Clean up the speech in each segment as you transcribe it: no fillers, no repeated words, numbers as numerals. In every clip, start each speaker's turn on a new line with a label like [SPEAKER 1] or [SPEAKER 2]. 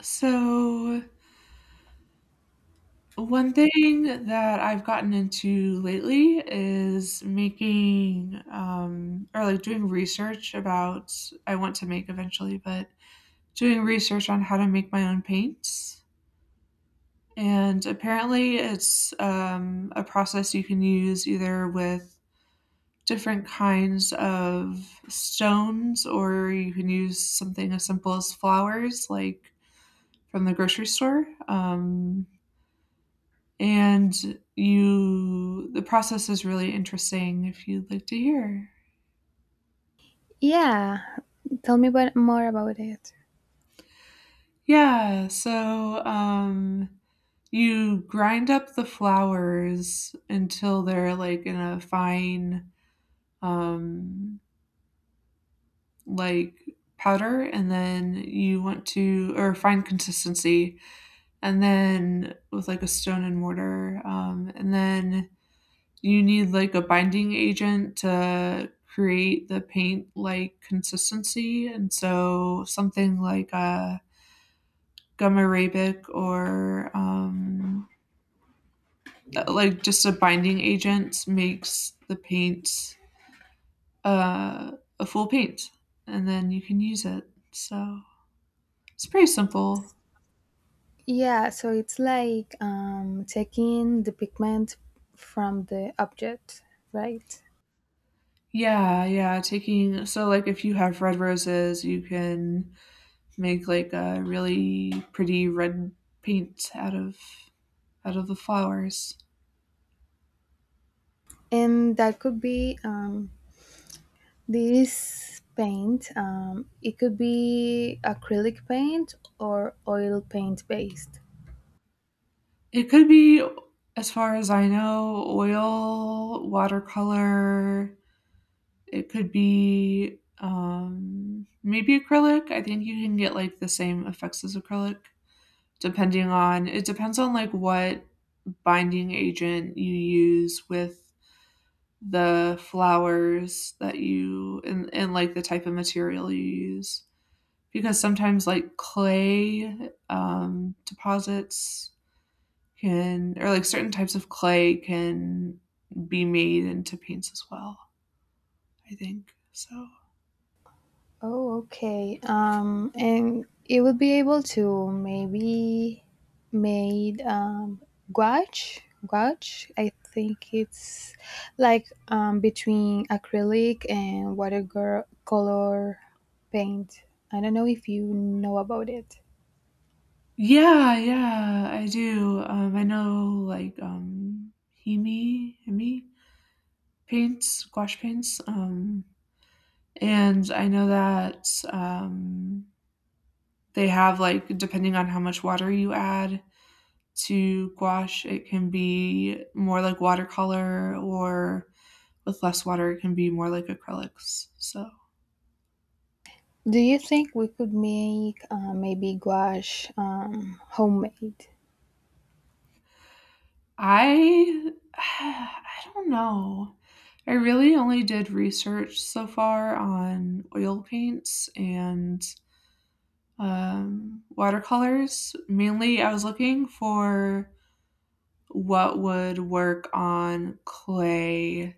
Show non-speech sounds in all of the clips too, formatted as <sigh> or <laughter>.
[SPEAKER 1] So, one thing that I've gotten into lately is making, or like doing research about, I want to make eventually, but doing research on how to make my own paints. And apparently, it's a process you can use either with different kinds of stones, or you can use something as simple as flowers, like from the grocery store. And you The process is really interesting if you'd like to hear.
[SPEAKER 2] Yeah, tell me more about it.
[SPEAKER 1] Yeah, so you grind up the flowers until they're like in a fine um like powder, and then you want to, or fine consistency, and then with like a stone and mortar, and then you need like a binding agent to create the paint like consistency, and so something like a gum arabic, or like just a binding agent makes the paint uh, a full paint, and then you can use it, so it's pretty simple.
[SPEAKER 2] Yeah, so it's like taking the pigment from the object, right?
[SPEAKER 1] Yeah, yeah, taking, so like if you have red roses, you can make like a really pretty red paint out of the flowers.
[SPEAKER 2] And that could be this paint. It could be acrylic paint or oil paint based.
[SPEAKER 1] It could be, as far as I know, oil, watercolor. It could be, maybe acrylic. I think you can get like the same effects as acrylic, depending on it depends on like what binding agent you use with the flowers that you, and like the type of material you use, because sometimes like clay, deposits can, or like certain types of clay can be made into paints as well, I think. So
[SPEAKER 2] Oh, okay. And you would be able to maybe made gouache. Gouache, I think it's like between acrylic and watercolor paint. I don't know if you know about it.
[SPEAKER 1] yeah, yeah, I do. I know like Hemi, Hemi paints, gouache paints, and I know that they have like, depending on how much water you add to gouache, it can be more like watercolor, or with less water, it can be more like acrylics. So
[SPEAKER 2] Do you think we could make maybe gouache homemade?
[SPEAKER 1] I <sighs> I don't know. I really only did research so far on oil paints, and watercolors. Mainly, I was looking for what would work on clay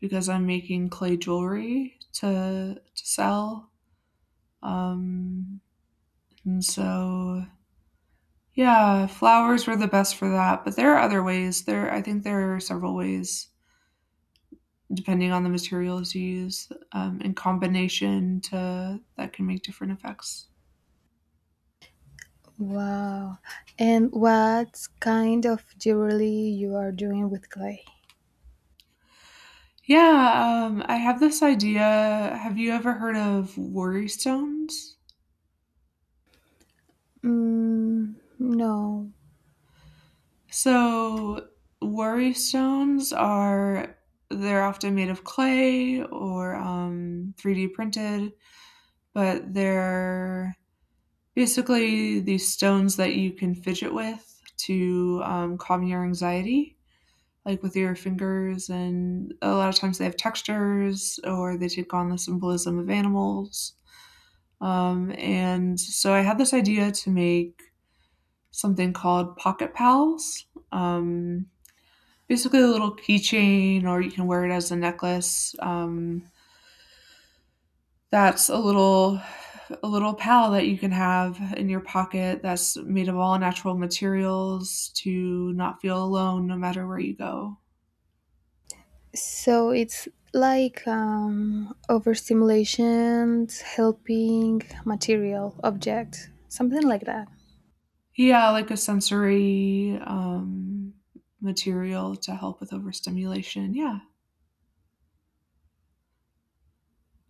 [SPEAKER 1] because I'm making clay jewelry to sell, um, and so yeah, flowers were the best for that, but there are other ways. There I think there are several ways depending on the materials you use, in combination to that, can make different effects.
[SPEAKER 2] Wow. And what kind of jewelry you are doing with clay?
[SPEAKER 1] Yeah, I have this idea. Have you ever heard of worry stones?
[SPEAKER 2] Mm, no.
[SPEAKER 1] So worry stones are, they're often made of clay or 3D printed, but they're basically these stones that you can fidget with to, calm your anxiety, like with your fingers, and a lot of times they have textures or they take on the symbolism of animals, and so I had this idea to make something called pocket pals, um, basically a little keychain, or you can wear it as a necklace, that's a little, a little pal that you can have in your pocket that's made of all natural materials, to not feel alone no matter where you go.
[SPEAKER 2] So it's like overstimulation helping material object, something like that.
[SPEAKER 1] Yeah, like a sensory, material to help with overstimulation, yeah.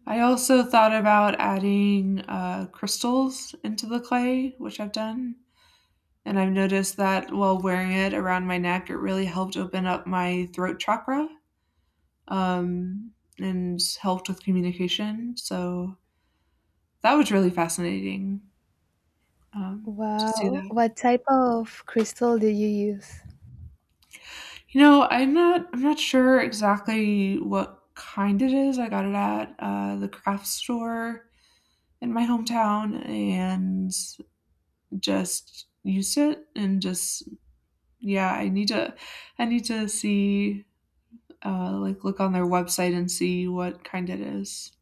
[SPEAKER 1] I also thought about adding, crystals into the clay, which I've done, and I've noticed that while wearing it around my neck, it really helped open up my throat chakra, um, and helped with communication, so that was really fascinating, to see
[SPEAKER 2] Wow.
[SPEAKER 1] that.
[SPEAKER 2] What type of crystal did you use?
[SPEAKER 1] You know, I'm not sure exactly what kind it is. I got it at, the craft store in my hometown, and just used it, and just yeah, I need to see, like, look on their website and see what kind it is.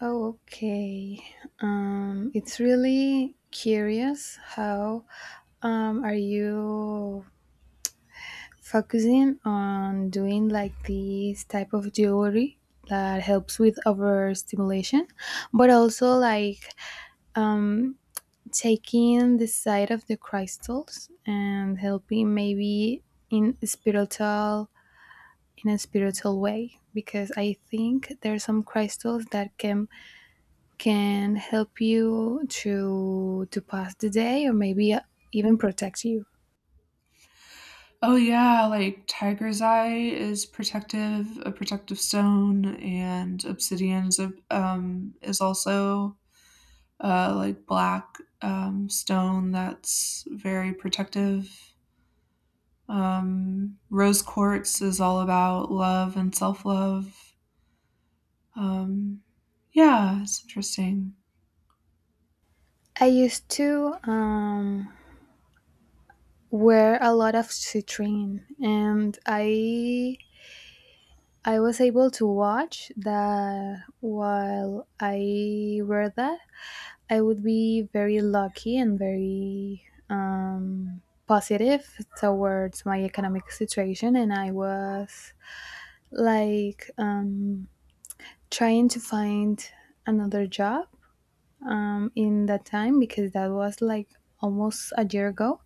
[SPEAKER 2] Oh, okay. It's really curious how are you focusing on doing like this type of jewelry that helps with overstimulation, but also like um, taking the side of the crystals and helping maybe in spiritual in a spiritual way because I think there are some crystals that can help you to pass the day or maybe even protect you.
[SPEAKER 1] Oh, yeah, like, tiger's eye is protective, a protective stone, and obsidian is a, is also like black, stone that's very protective. Rose quartz is all about love and self love. Um, yeah, it's interesting.
[SPEAKER 2] I used to wear a lot of citrine, and I was able to watch that while I wear that I would be very lucky and very positive towards my economic situation, and I was like trying to find another job in that time because that was like almost a year ago,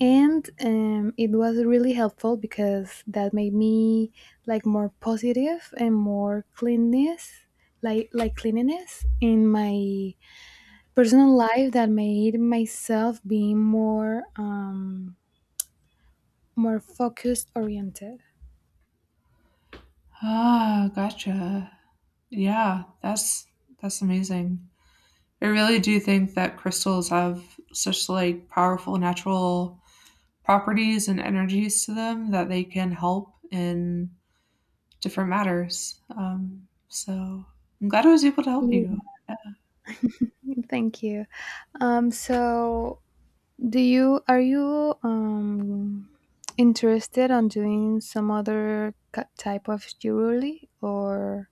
[SPEAKER 2] and it was really helpful because that made me like more positive and more cleanness, like cleanliness in my personal life that made myself being more more focused oriented.
[SPEAKER 1] Ah, gotcha. Yeah, that's amazing. I really do think that crystals have such like powerful natural properties and energies to them that they can help in different matters. So I'm glad I was able to help
[SPEAKER 2] Yeah.
[SPEAKER 1] you.
[SPEAKER 2] <laughs> Thank you. Um, so, do you are you interested on doing some other type of jewelry, or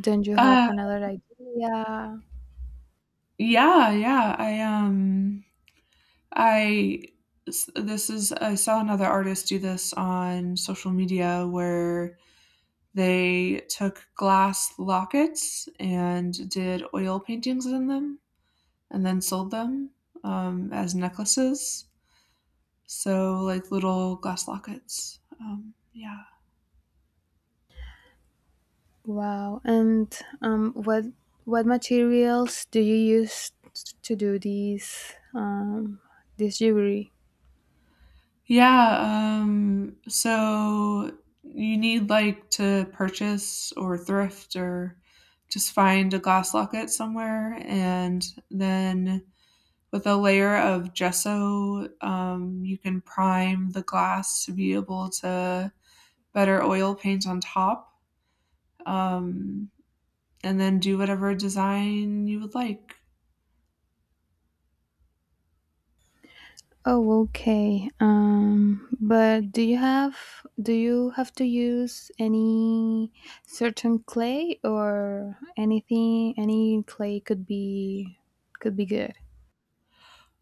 [SPEAKER 2] don't you have
[SPEAKER 1] Uh,
[SPEAKER 2] another idea?
[SPEAKER 1] yeah, yeah. I s- this is, I saw another artist do this on social media where they took glass lockets and did oil paintings in them, and then sold them, as necklaces. So like little glass lockets. Yeah.
[SPEAKER 2] Wow. And um, what what materials do you use to do these this jewelry?
[SPEAKER 1] Yeah, so you need like to purchase, or thrift, or just find a glass locket somewhere, and then with a layer of gesso, you can prime the glass to be able to better oil paint on top, um, and then do whatever design you would like.
[SPEAKER 2] Oh, okay. But do you have to use any certain clay or anything? Any clay could be good.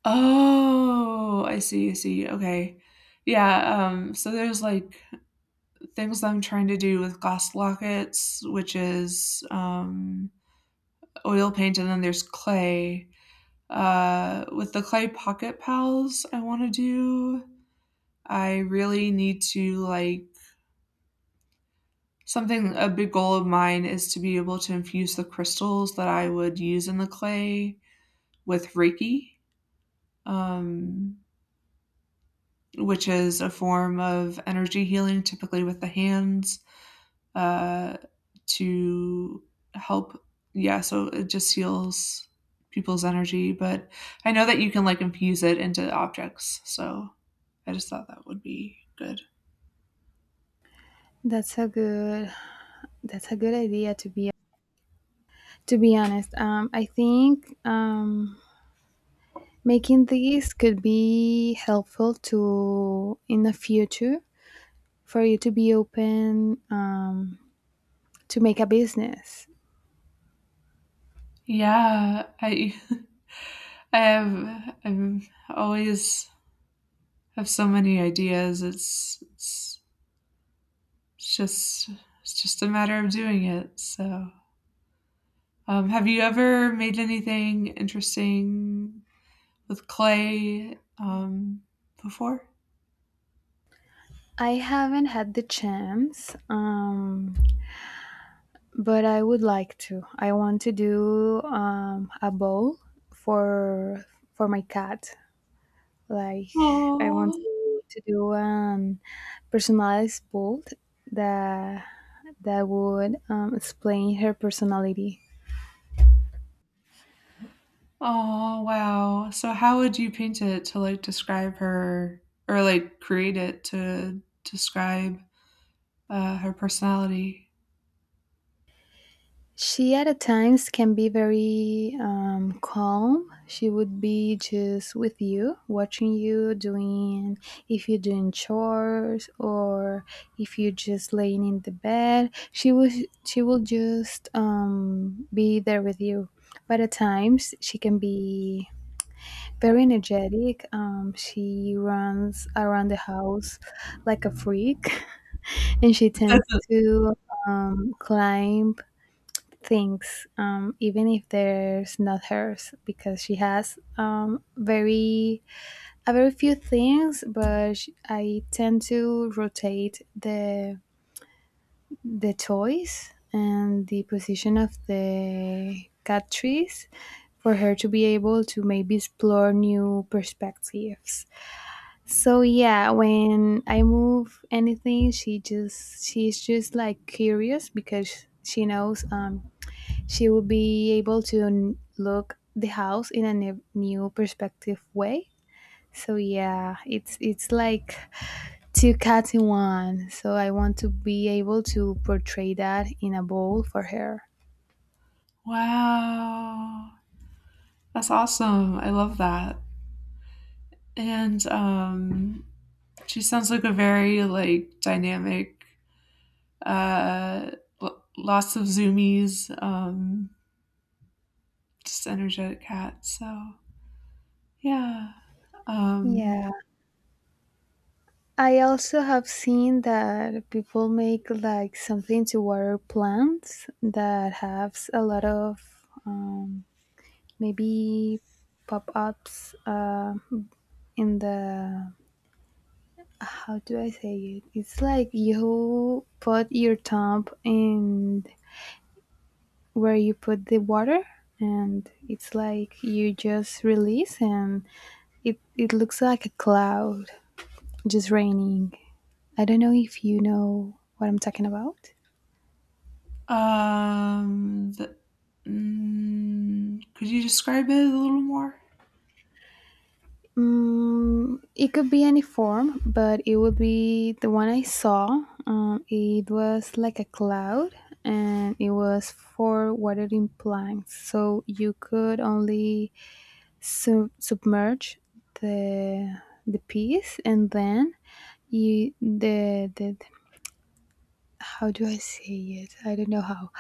[SPEAKER 1] Oh, I see, I see. Okay. Yeah, so there's like things I'm trying to do with glass lockets, which is, oil paint, and then there's clay. With the clay pocket pals, I want to do. I really need to like something. A big goal of mine is to be able to infuse the crystals that I would use in the clay with Reiki, um, which is a form of energy healing, typically with the hands. Uh, to help. Yeah, so it just heals people's energy, but I know that you can like infuse it into objects. So I just thought that would be good.
[SPEAKER 2] That's a good idea, to be honest. I think making these could be helpful to in the future for you to be open to make a business.
[SPEAKER 1] Yeah, I <laughs> I have, I'm always have so many ideas. It's just, it's just a matter of doing it. So, have you ever made anything interesting with clay, before?
[SPEAKER 2] I haven't had the chance, but I would like to. I want to do a bowl for for my cat. Like I want
[SPEAKER 1] Oh,
[SPEAKER 2] to do an personalized bowl that that would explain her personality.
[SPEAKER 1] oh! Wow. So how would you paint it to, like, describe her, or, like, create it to describe, her personality?
[SPEAKER 2] She at a times can be very calm. She would be just with you, watching you doing if you're doing chores or if you're just laying in the bed. She will just be there with you. But at times she can be very energetic. She runs around the house like a freak, <laughs> and she
[SPEAKER 1] <laughs>
[SPEAKER 2] tends to climb things, even if there's not hers, because she has very a very few things. But sh I tend to rotate the toys and the position of the cat trees for her to be able to maybe explore new perspectives. So yeah, when I move anything, she's just like curious because she knows she would be able to look the house in a new perspective way. So yeah, it's like two cats in one. So I want to be able to portray that in a bowl for her.
[SPEAKER 1] Wow. That's awesome. I love that. And, she sounds like a very, like, dynamic, uh, lo lots of zoomies, just energetic cat, so yeah, um
[SPEAKER 2] Yeah. I also have seen that people make like something to water plants that has a lot of um, maybe pop ups in the how do I say it? It's like you put your thumb in where you put the water, and it's like you just release, and it looks like a cloud just raining. I don't know if you know what I'm talking about.
[SPEAKER 1] um, could you describe it a little more?
[SPEAKER 2] Mm, it could be any form, but it would be the one I saw. It was like a cloud, and it was for watering plants. So you could only submerge the the piece, and then you the how do I say it? I don't know how.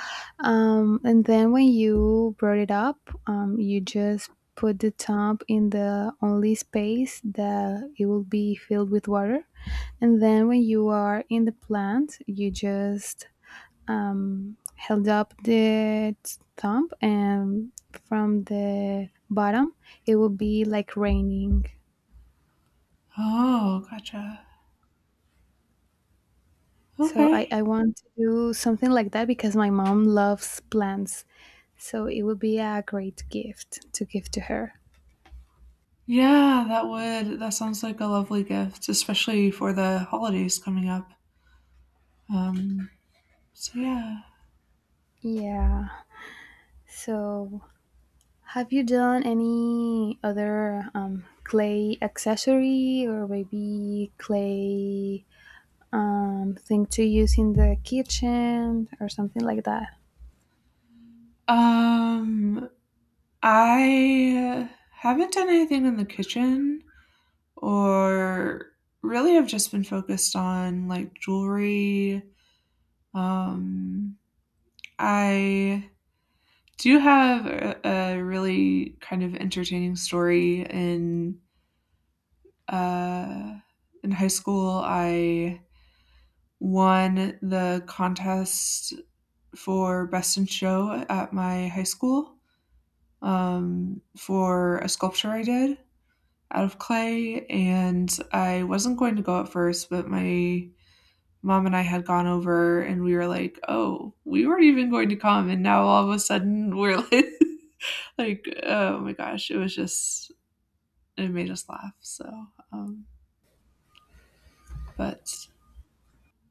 [SPEAKER 2] And then when you brought it up, you just put the top in the only space that it will be filled with water. And then when you are in the plant, you just held up the thumb, and from the bottom, it would be like raining.
[SPEAKER 1] Oh, gotcha.
[SPEAKER 2] So I,
[SPEAKER 1] Okay.
[SPEAKER 2] I want to do something like that because my mom loves plants. So it would be a great gift to give to her.
[SPEAKER 1] Yeah, that sounds like a lovely gift, especially for the holidays coming up. Um, so yeah.
[SPEAKER 2] Yeah. So have you done any other clay accessory or maybe clay thing to use in the kitchen or something like that?
[SPEAKER 1] Um, I haven't done anything in the kitchen, or really, I've just been focused on like jewelry. Um, I Do you have a really kind of entertaining story? Uh, in high school, I won the contest for best in show at my high school, for a sculpture I did out of clay, and I wasn't going to go at first, but my mom and I had gone over, and we were like, oh, we weren't even going to come. And now all of a sudden we're like, <laughs> like, oh my gosh, it was just, it made us laugh. So, um, but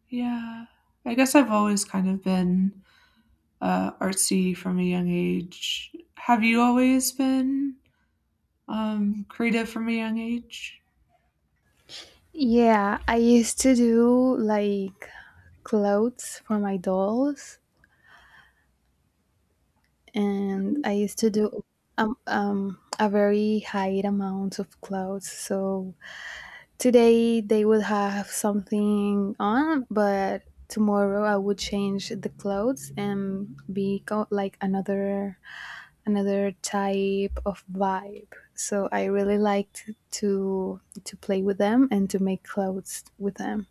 [SPEAKER 1] yeah, I guess I've always kind of been artsy from a young age. Have you always been creative from a young age?
[SPEAKER 2] Yeah, I used to do like clothes for my dolls, and I used to do a very high amount of clothes. So today they would have something on, but tomorrow I would change the clothes and be like another another type of vibe. So I really liked to play with them and to make clothes with them.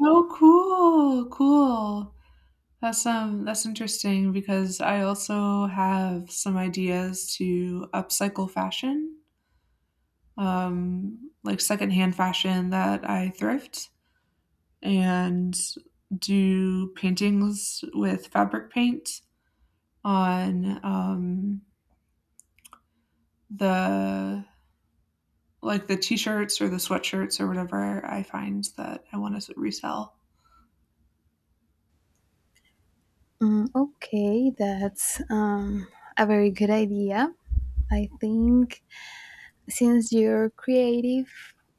[SPEAKER 1] Oh, cool, cool. That's interesting because I also have some ideas to upcycle fashion, like secondhand fashion that I thrift, and do paintings with fabric paint on the like the t-shirts, or the sweatshirts, or whatever I find that I want to resell.
[SPEAKER 2] Mm, okay, that's a very good idea. I think since you're creative,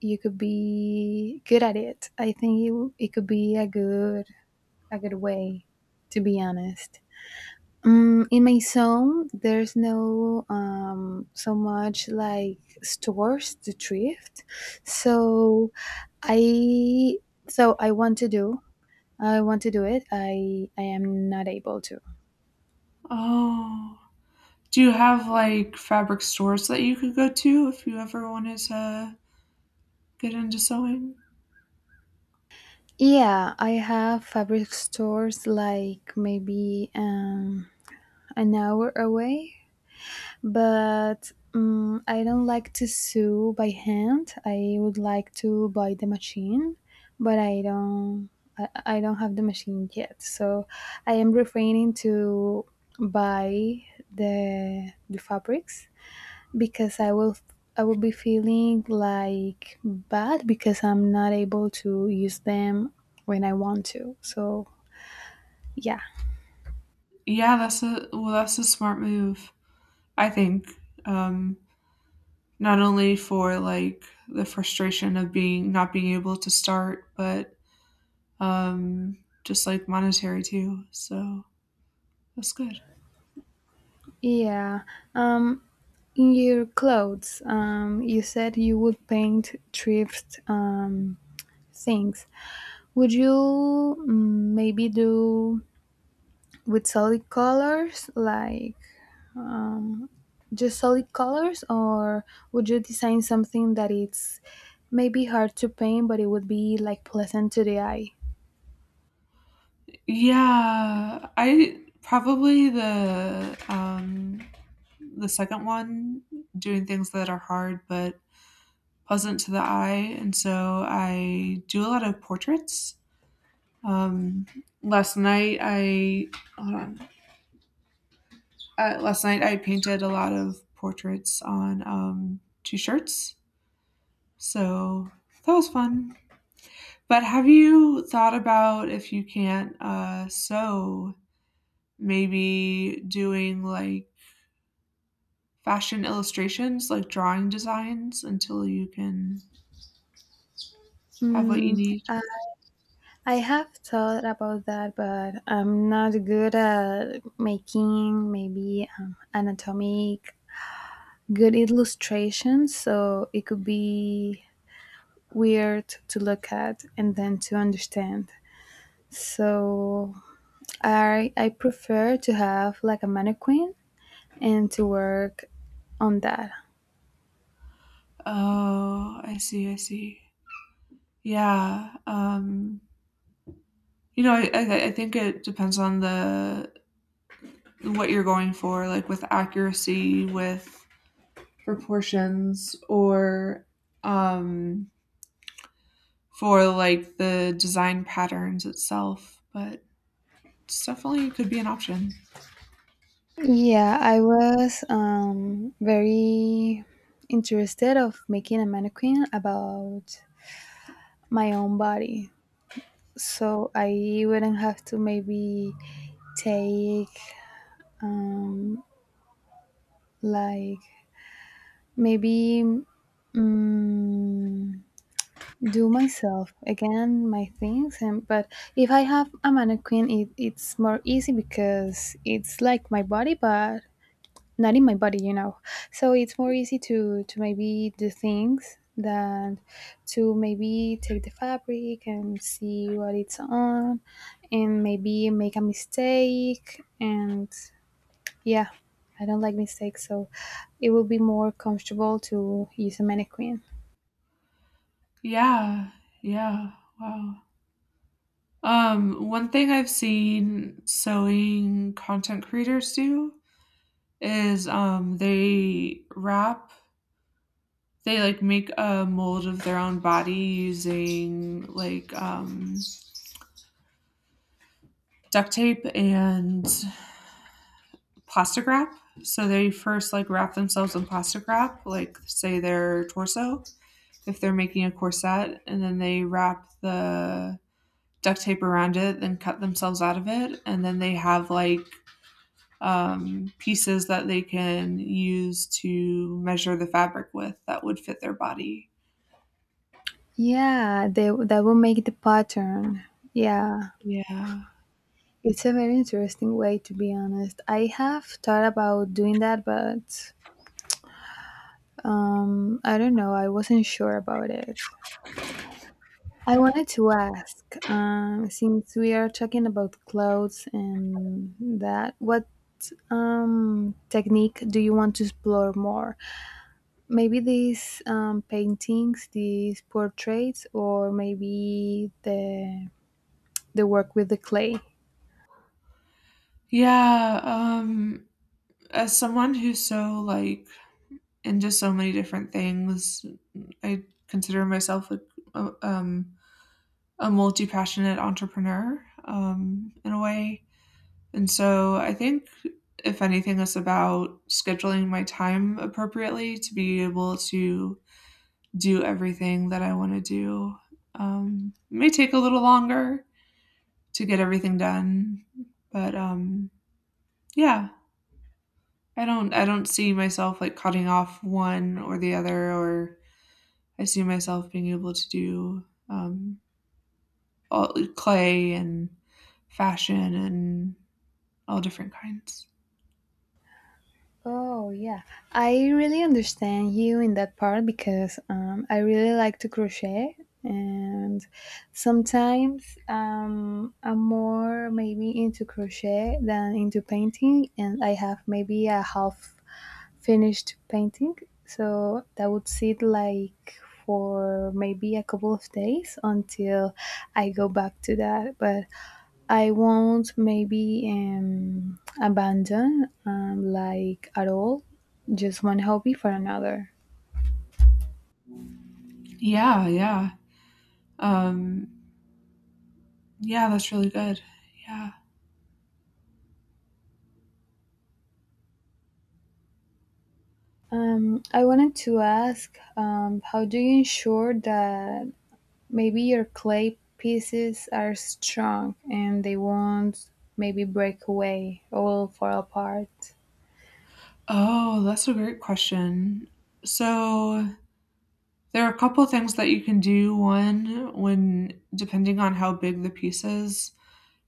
[SPEAKER 2] you could be good at it. I think you, it could be a good way, to be honest. In my zone, there's no so much like stores to thrift, so I I want to do I want to do it. I am not able to.
[SPEAKER 1] Oh, do you have like fabric stores that you could go to if you ever wanted to get into sewing?
[SPEAKER 2] Yeah, I have fabric stores like maybe an hour away, but I don't like to sew by hand. I would like to buy the machine, but I don't. I, I don't have the machine yet, so I am refraining to buy the fabrics because I will be feeling like bad because I'm not able to use them when I want to. So yeah,
[SPEAKER 1] Yeah, that's a well, that's a smart move. I think. Um, not only for like the frustration of being not being able to start, but just like monetary too. So that's good.
[SPEAKER 2] yeah. Um, in your clothes, you said you would paint thrift things. Would you maybe do with solid colors like um, just solid colors, or would you design something that it's maybe hard to paint, but it would be like pleasant to the eye?
[SPEAKER 1] Yeah, I probably the second one, doing things that are hard but pleasant to the eye, and so I do a lot of portraits. Um, last night I Hold on. Last night I painted a lot of portraits on, two shirts, so that was fun. But have you thought about, if you can't sew, maybe doing like fashion illustrations, like drawing designs, until you can have what
[SPEAKER 2] mm,
[SPEAKER 1] you need?
[SPEAKER 2] uh, I have thought about that, but I'm not good at making maybe anatomic good illustrations, so it could be weird to look at and then to understand. So I prefer to have like a mannequin and to work on that.
[SPEAKER 1] Oh, I see. I see. Yeah. You know, I think it depends on the what you're going for, like with accuracy, with proportions, or um, for like the design patterns itself. But it's definitely could be an option.
[SPEAKER 2] Yeah, I was very interested of making a mannequin about my own body, so I wouldn't have to maybe take um, like maybe mm do myself again my things, and but if I have a mannequin, it's more easy because it's like my body but not in my body, you know. So it's more easy to maybe do things than to maybe take the fabric and see what it's on, and maybe make a mistake, and yeah, I don't like mistakes, so it will be more comfortable to use a mannequin.
[SPEAKER 1] Yeah, yeah, wow. One thing I've seen sewing content creators do is, they wrap, they like make a mold of their own body using like, duct tape and plastic wrap. So they first like wrap themselves in plastic wrap, like say their torso, if they're making a corset, and then they wrap the duct tape around it, then cut themselves out of it, and then they have like, pieces that they can use to measure the fabric with that would fit their body.
[SPEAKER 2] Yeah, they that will make the pattern. Yeah,
[SPEAKER 1] Yeah.
[SPEAKER 2] it's a very interesting way, to be honest. I have thought about doing that, but I don't know. I wasn't sure about it. I wanted to ask, since we are talking about clothes and that, what technique do you want to explore more? Maybe these paintings, these portraits, or maybe the work with the clay.
[SPEAKER 1] Yeah. As someone who's so like into so many different things, I consider myself like, a, um, a multi-passionate entrepreneur, in a way. And so I think, if anything, it's about scheduling my time appropriately to be able to do everything that I want to do. It may take a little longer to get everything done, but yeah, I don't see myself like cutting off one or the other, or I see myself being able to do, all, clay and fashion and all different kinds.
[SPEAKER 2] Oh, yeah. I really understand you in that part because I really like to crochet, and sometimes I'm more maybe into crochet than into painting, and I have maybe a half finished painting. So that would sit like for maybe a couple of days until I go back to that. But I won't maybe abandon like at all just one hobby for another.
[SPEAKER 1] Yeah, yeah. Um, yeah, that's really good. Yeah.
[SPEAKER 2] I wanted to ask, how do you ensure that maybe your clay pieces are strong and they won't maybe break away or fall apart?
[SPEAKER 1] Oh, that's a great question. So there are a couple things that you can do. One, when depending on how big the piece is,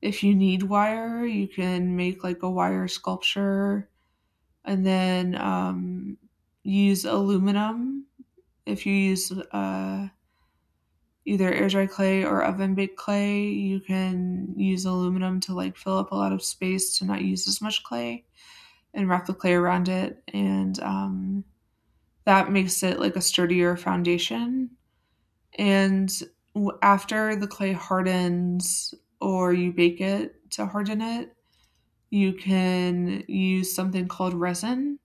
[SPEAKER 1] if you need wire, you can make like a wire sculpture, and then use aluminum. If you use either air dry clay or oven baked clay. You can use aluminum to like fill up a lot of space to not use as much clay and wrap the clay around it. And that makes it like a sturdier foundation. And after the clay hardens, or you bake it to harden it, you can use something called resin,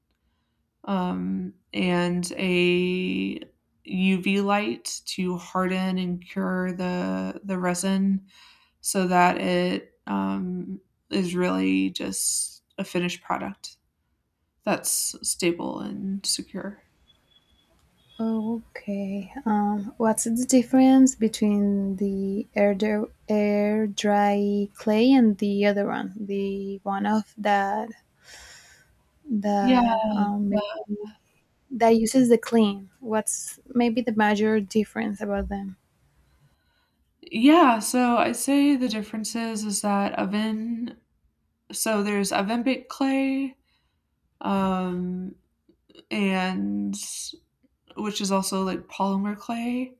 [SPEAKER 1] and a UV light to harden and cure the resin, so that it, is really just a finished product that's stable and secure.
[SPEAKER 2] Okay. What's the difference between the air dry clay and the other one, the one of that
[SPEAKER 1] Yeah,
[SPEAKER 2] that um,
[SPEAKER 1] that-
[SPEAKER 2] that uses the clean. What's maybe the major difference about them?
[SPEAKER 1] yeah. So I'd say the differences is that oven. So there's oven baked clay, um, and which is also like polymer clay,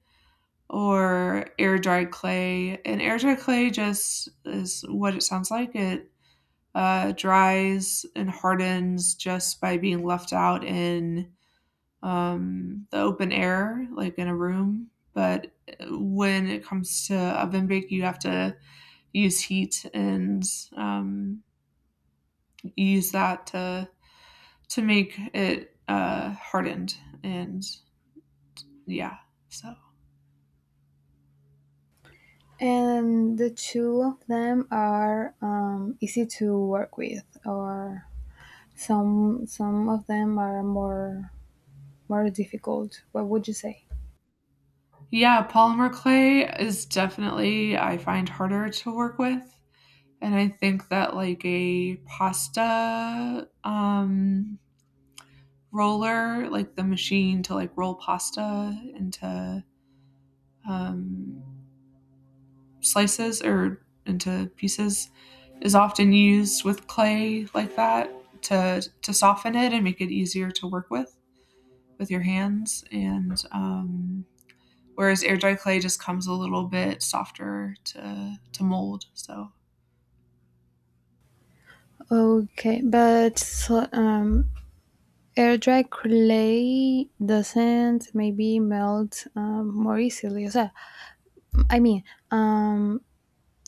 [SPEAKER 1] or air dried clay. And air dried clay just is what it sounds like. It dries and hardens just by being left out in, the open air, like in a room. But when it comes to oven bake, you have to use heat and um, use that to make it hardened. And yeah, so.
[SPEAKER 2] And the two of them are easy to work with, or some of them are more more difficult. What would you say?
[SPEAKER 1] Yeah, polymer clay is definitely, I find harder to work with, and I think that, like, a pasta, roller, like, the machine to, like, roll pasta into, um, slices or into pieces, is often used with clay like that to soften it and make it easier to work with your hands, and, whereas air dry clay just comes a little bit softer to mold. So
[SPEAKER 2] Okay, but so, air dry clay doesn't maybe melt more easily. So, I mean, um,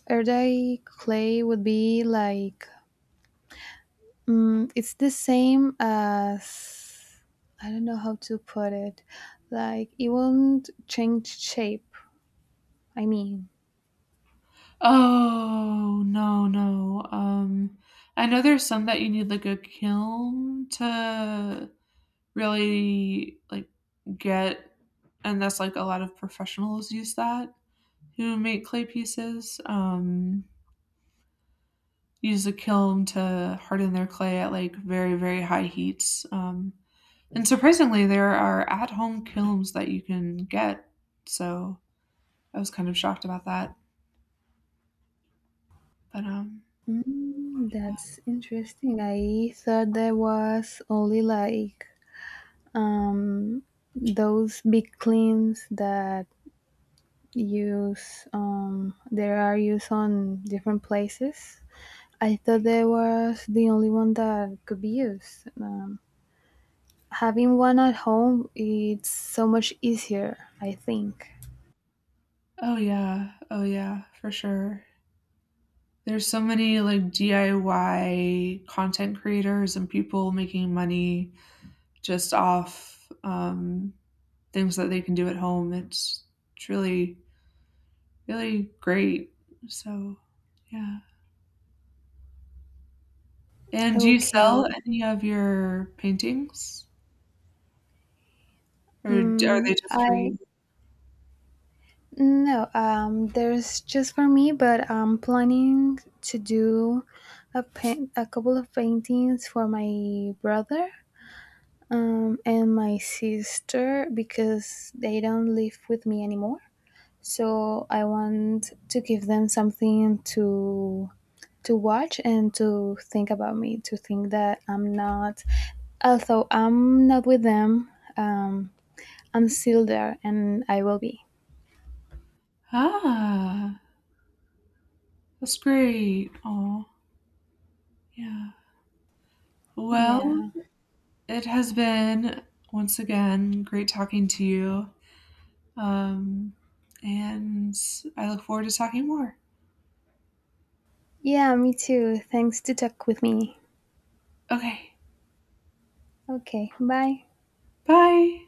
[SPEAKER 2] air dry clay would be like mm, it's the same as I don't know how to put it. Like it won't change shape. I mean,
[SPEAKER 1] oh no, no, I know there's some that you need like a kiln to really like get, and that's like a lot of professionals use that, who make clay pieces. Use a kiln to harden their clay at like very very high heats. And surprisingly, there are at home kilns that you can get. So I was kind of shocked about that. But um
[SPEAKER 2] mm, that's interesting. I thought there was only like um those big cleans that use there are used on different places. I thought there was the only one that could be used. Having one at home, it's so much easier, I think.
[SPEAKER 1] Oh yeah, oh yeah, for sure. There's so many like DIY content creators and people making money just off, things that they can do at home. It's really really great. So, yeah. And do you
[SPEAKER 2] Okay.
[SPEAKER 1] sell any of your paintings, or are they just for
[SPEAKER 2] I
[SPEAKER 1] you?
[SPEAKER 2] no, there's just for me, but I'm planning to do a paint, a couple of paintings for my brother, and my sister because they don't live with me anymore. So I want to give them something to watch and to think about me, to think that I'm not although I'm not with them, um, I'm still there and I will be.
[SPEAKER 1] Ah, that's great. Oh, yeah. Well,
[SPEAKER 2] Yeah.
[SPEAKER 1] it has been once again great talking to you. Um, and I look forward to talking more.
[SPEAKER 2] Yeah, me too. Thanks to talk with me.
[SPEAKER 1] Okay,
[SPEAKER 2] Okay, bye.
[SPEAKER 1] bye.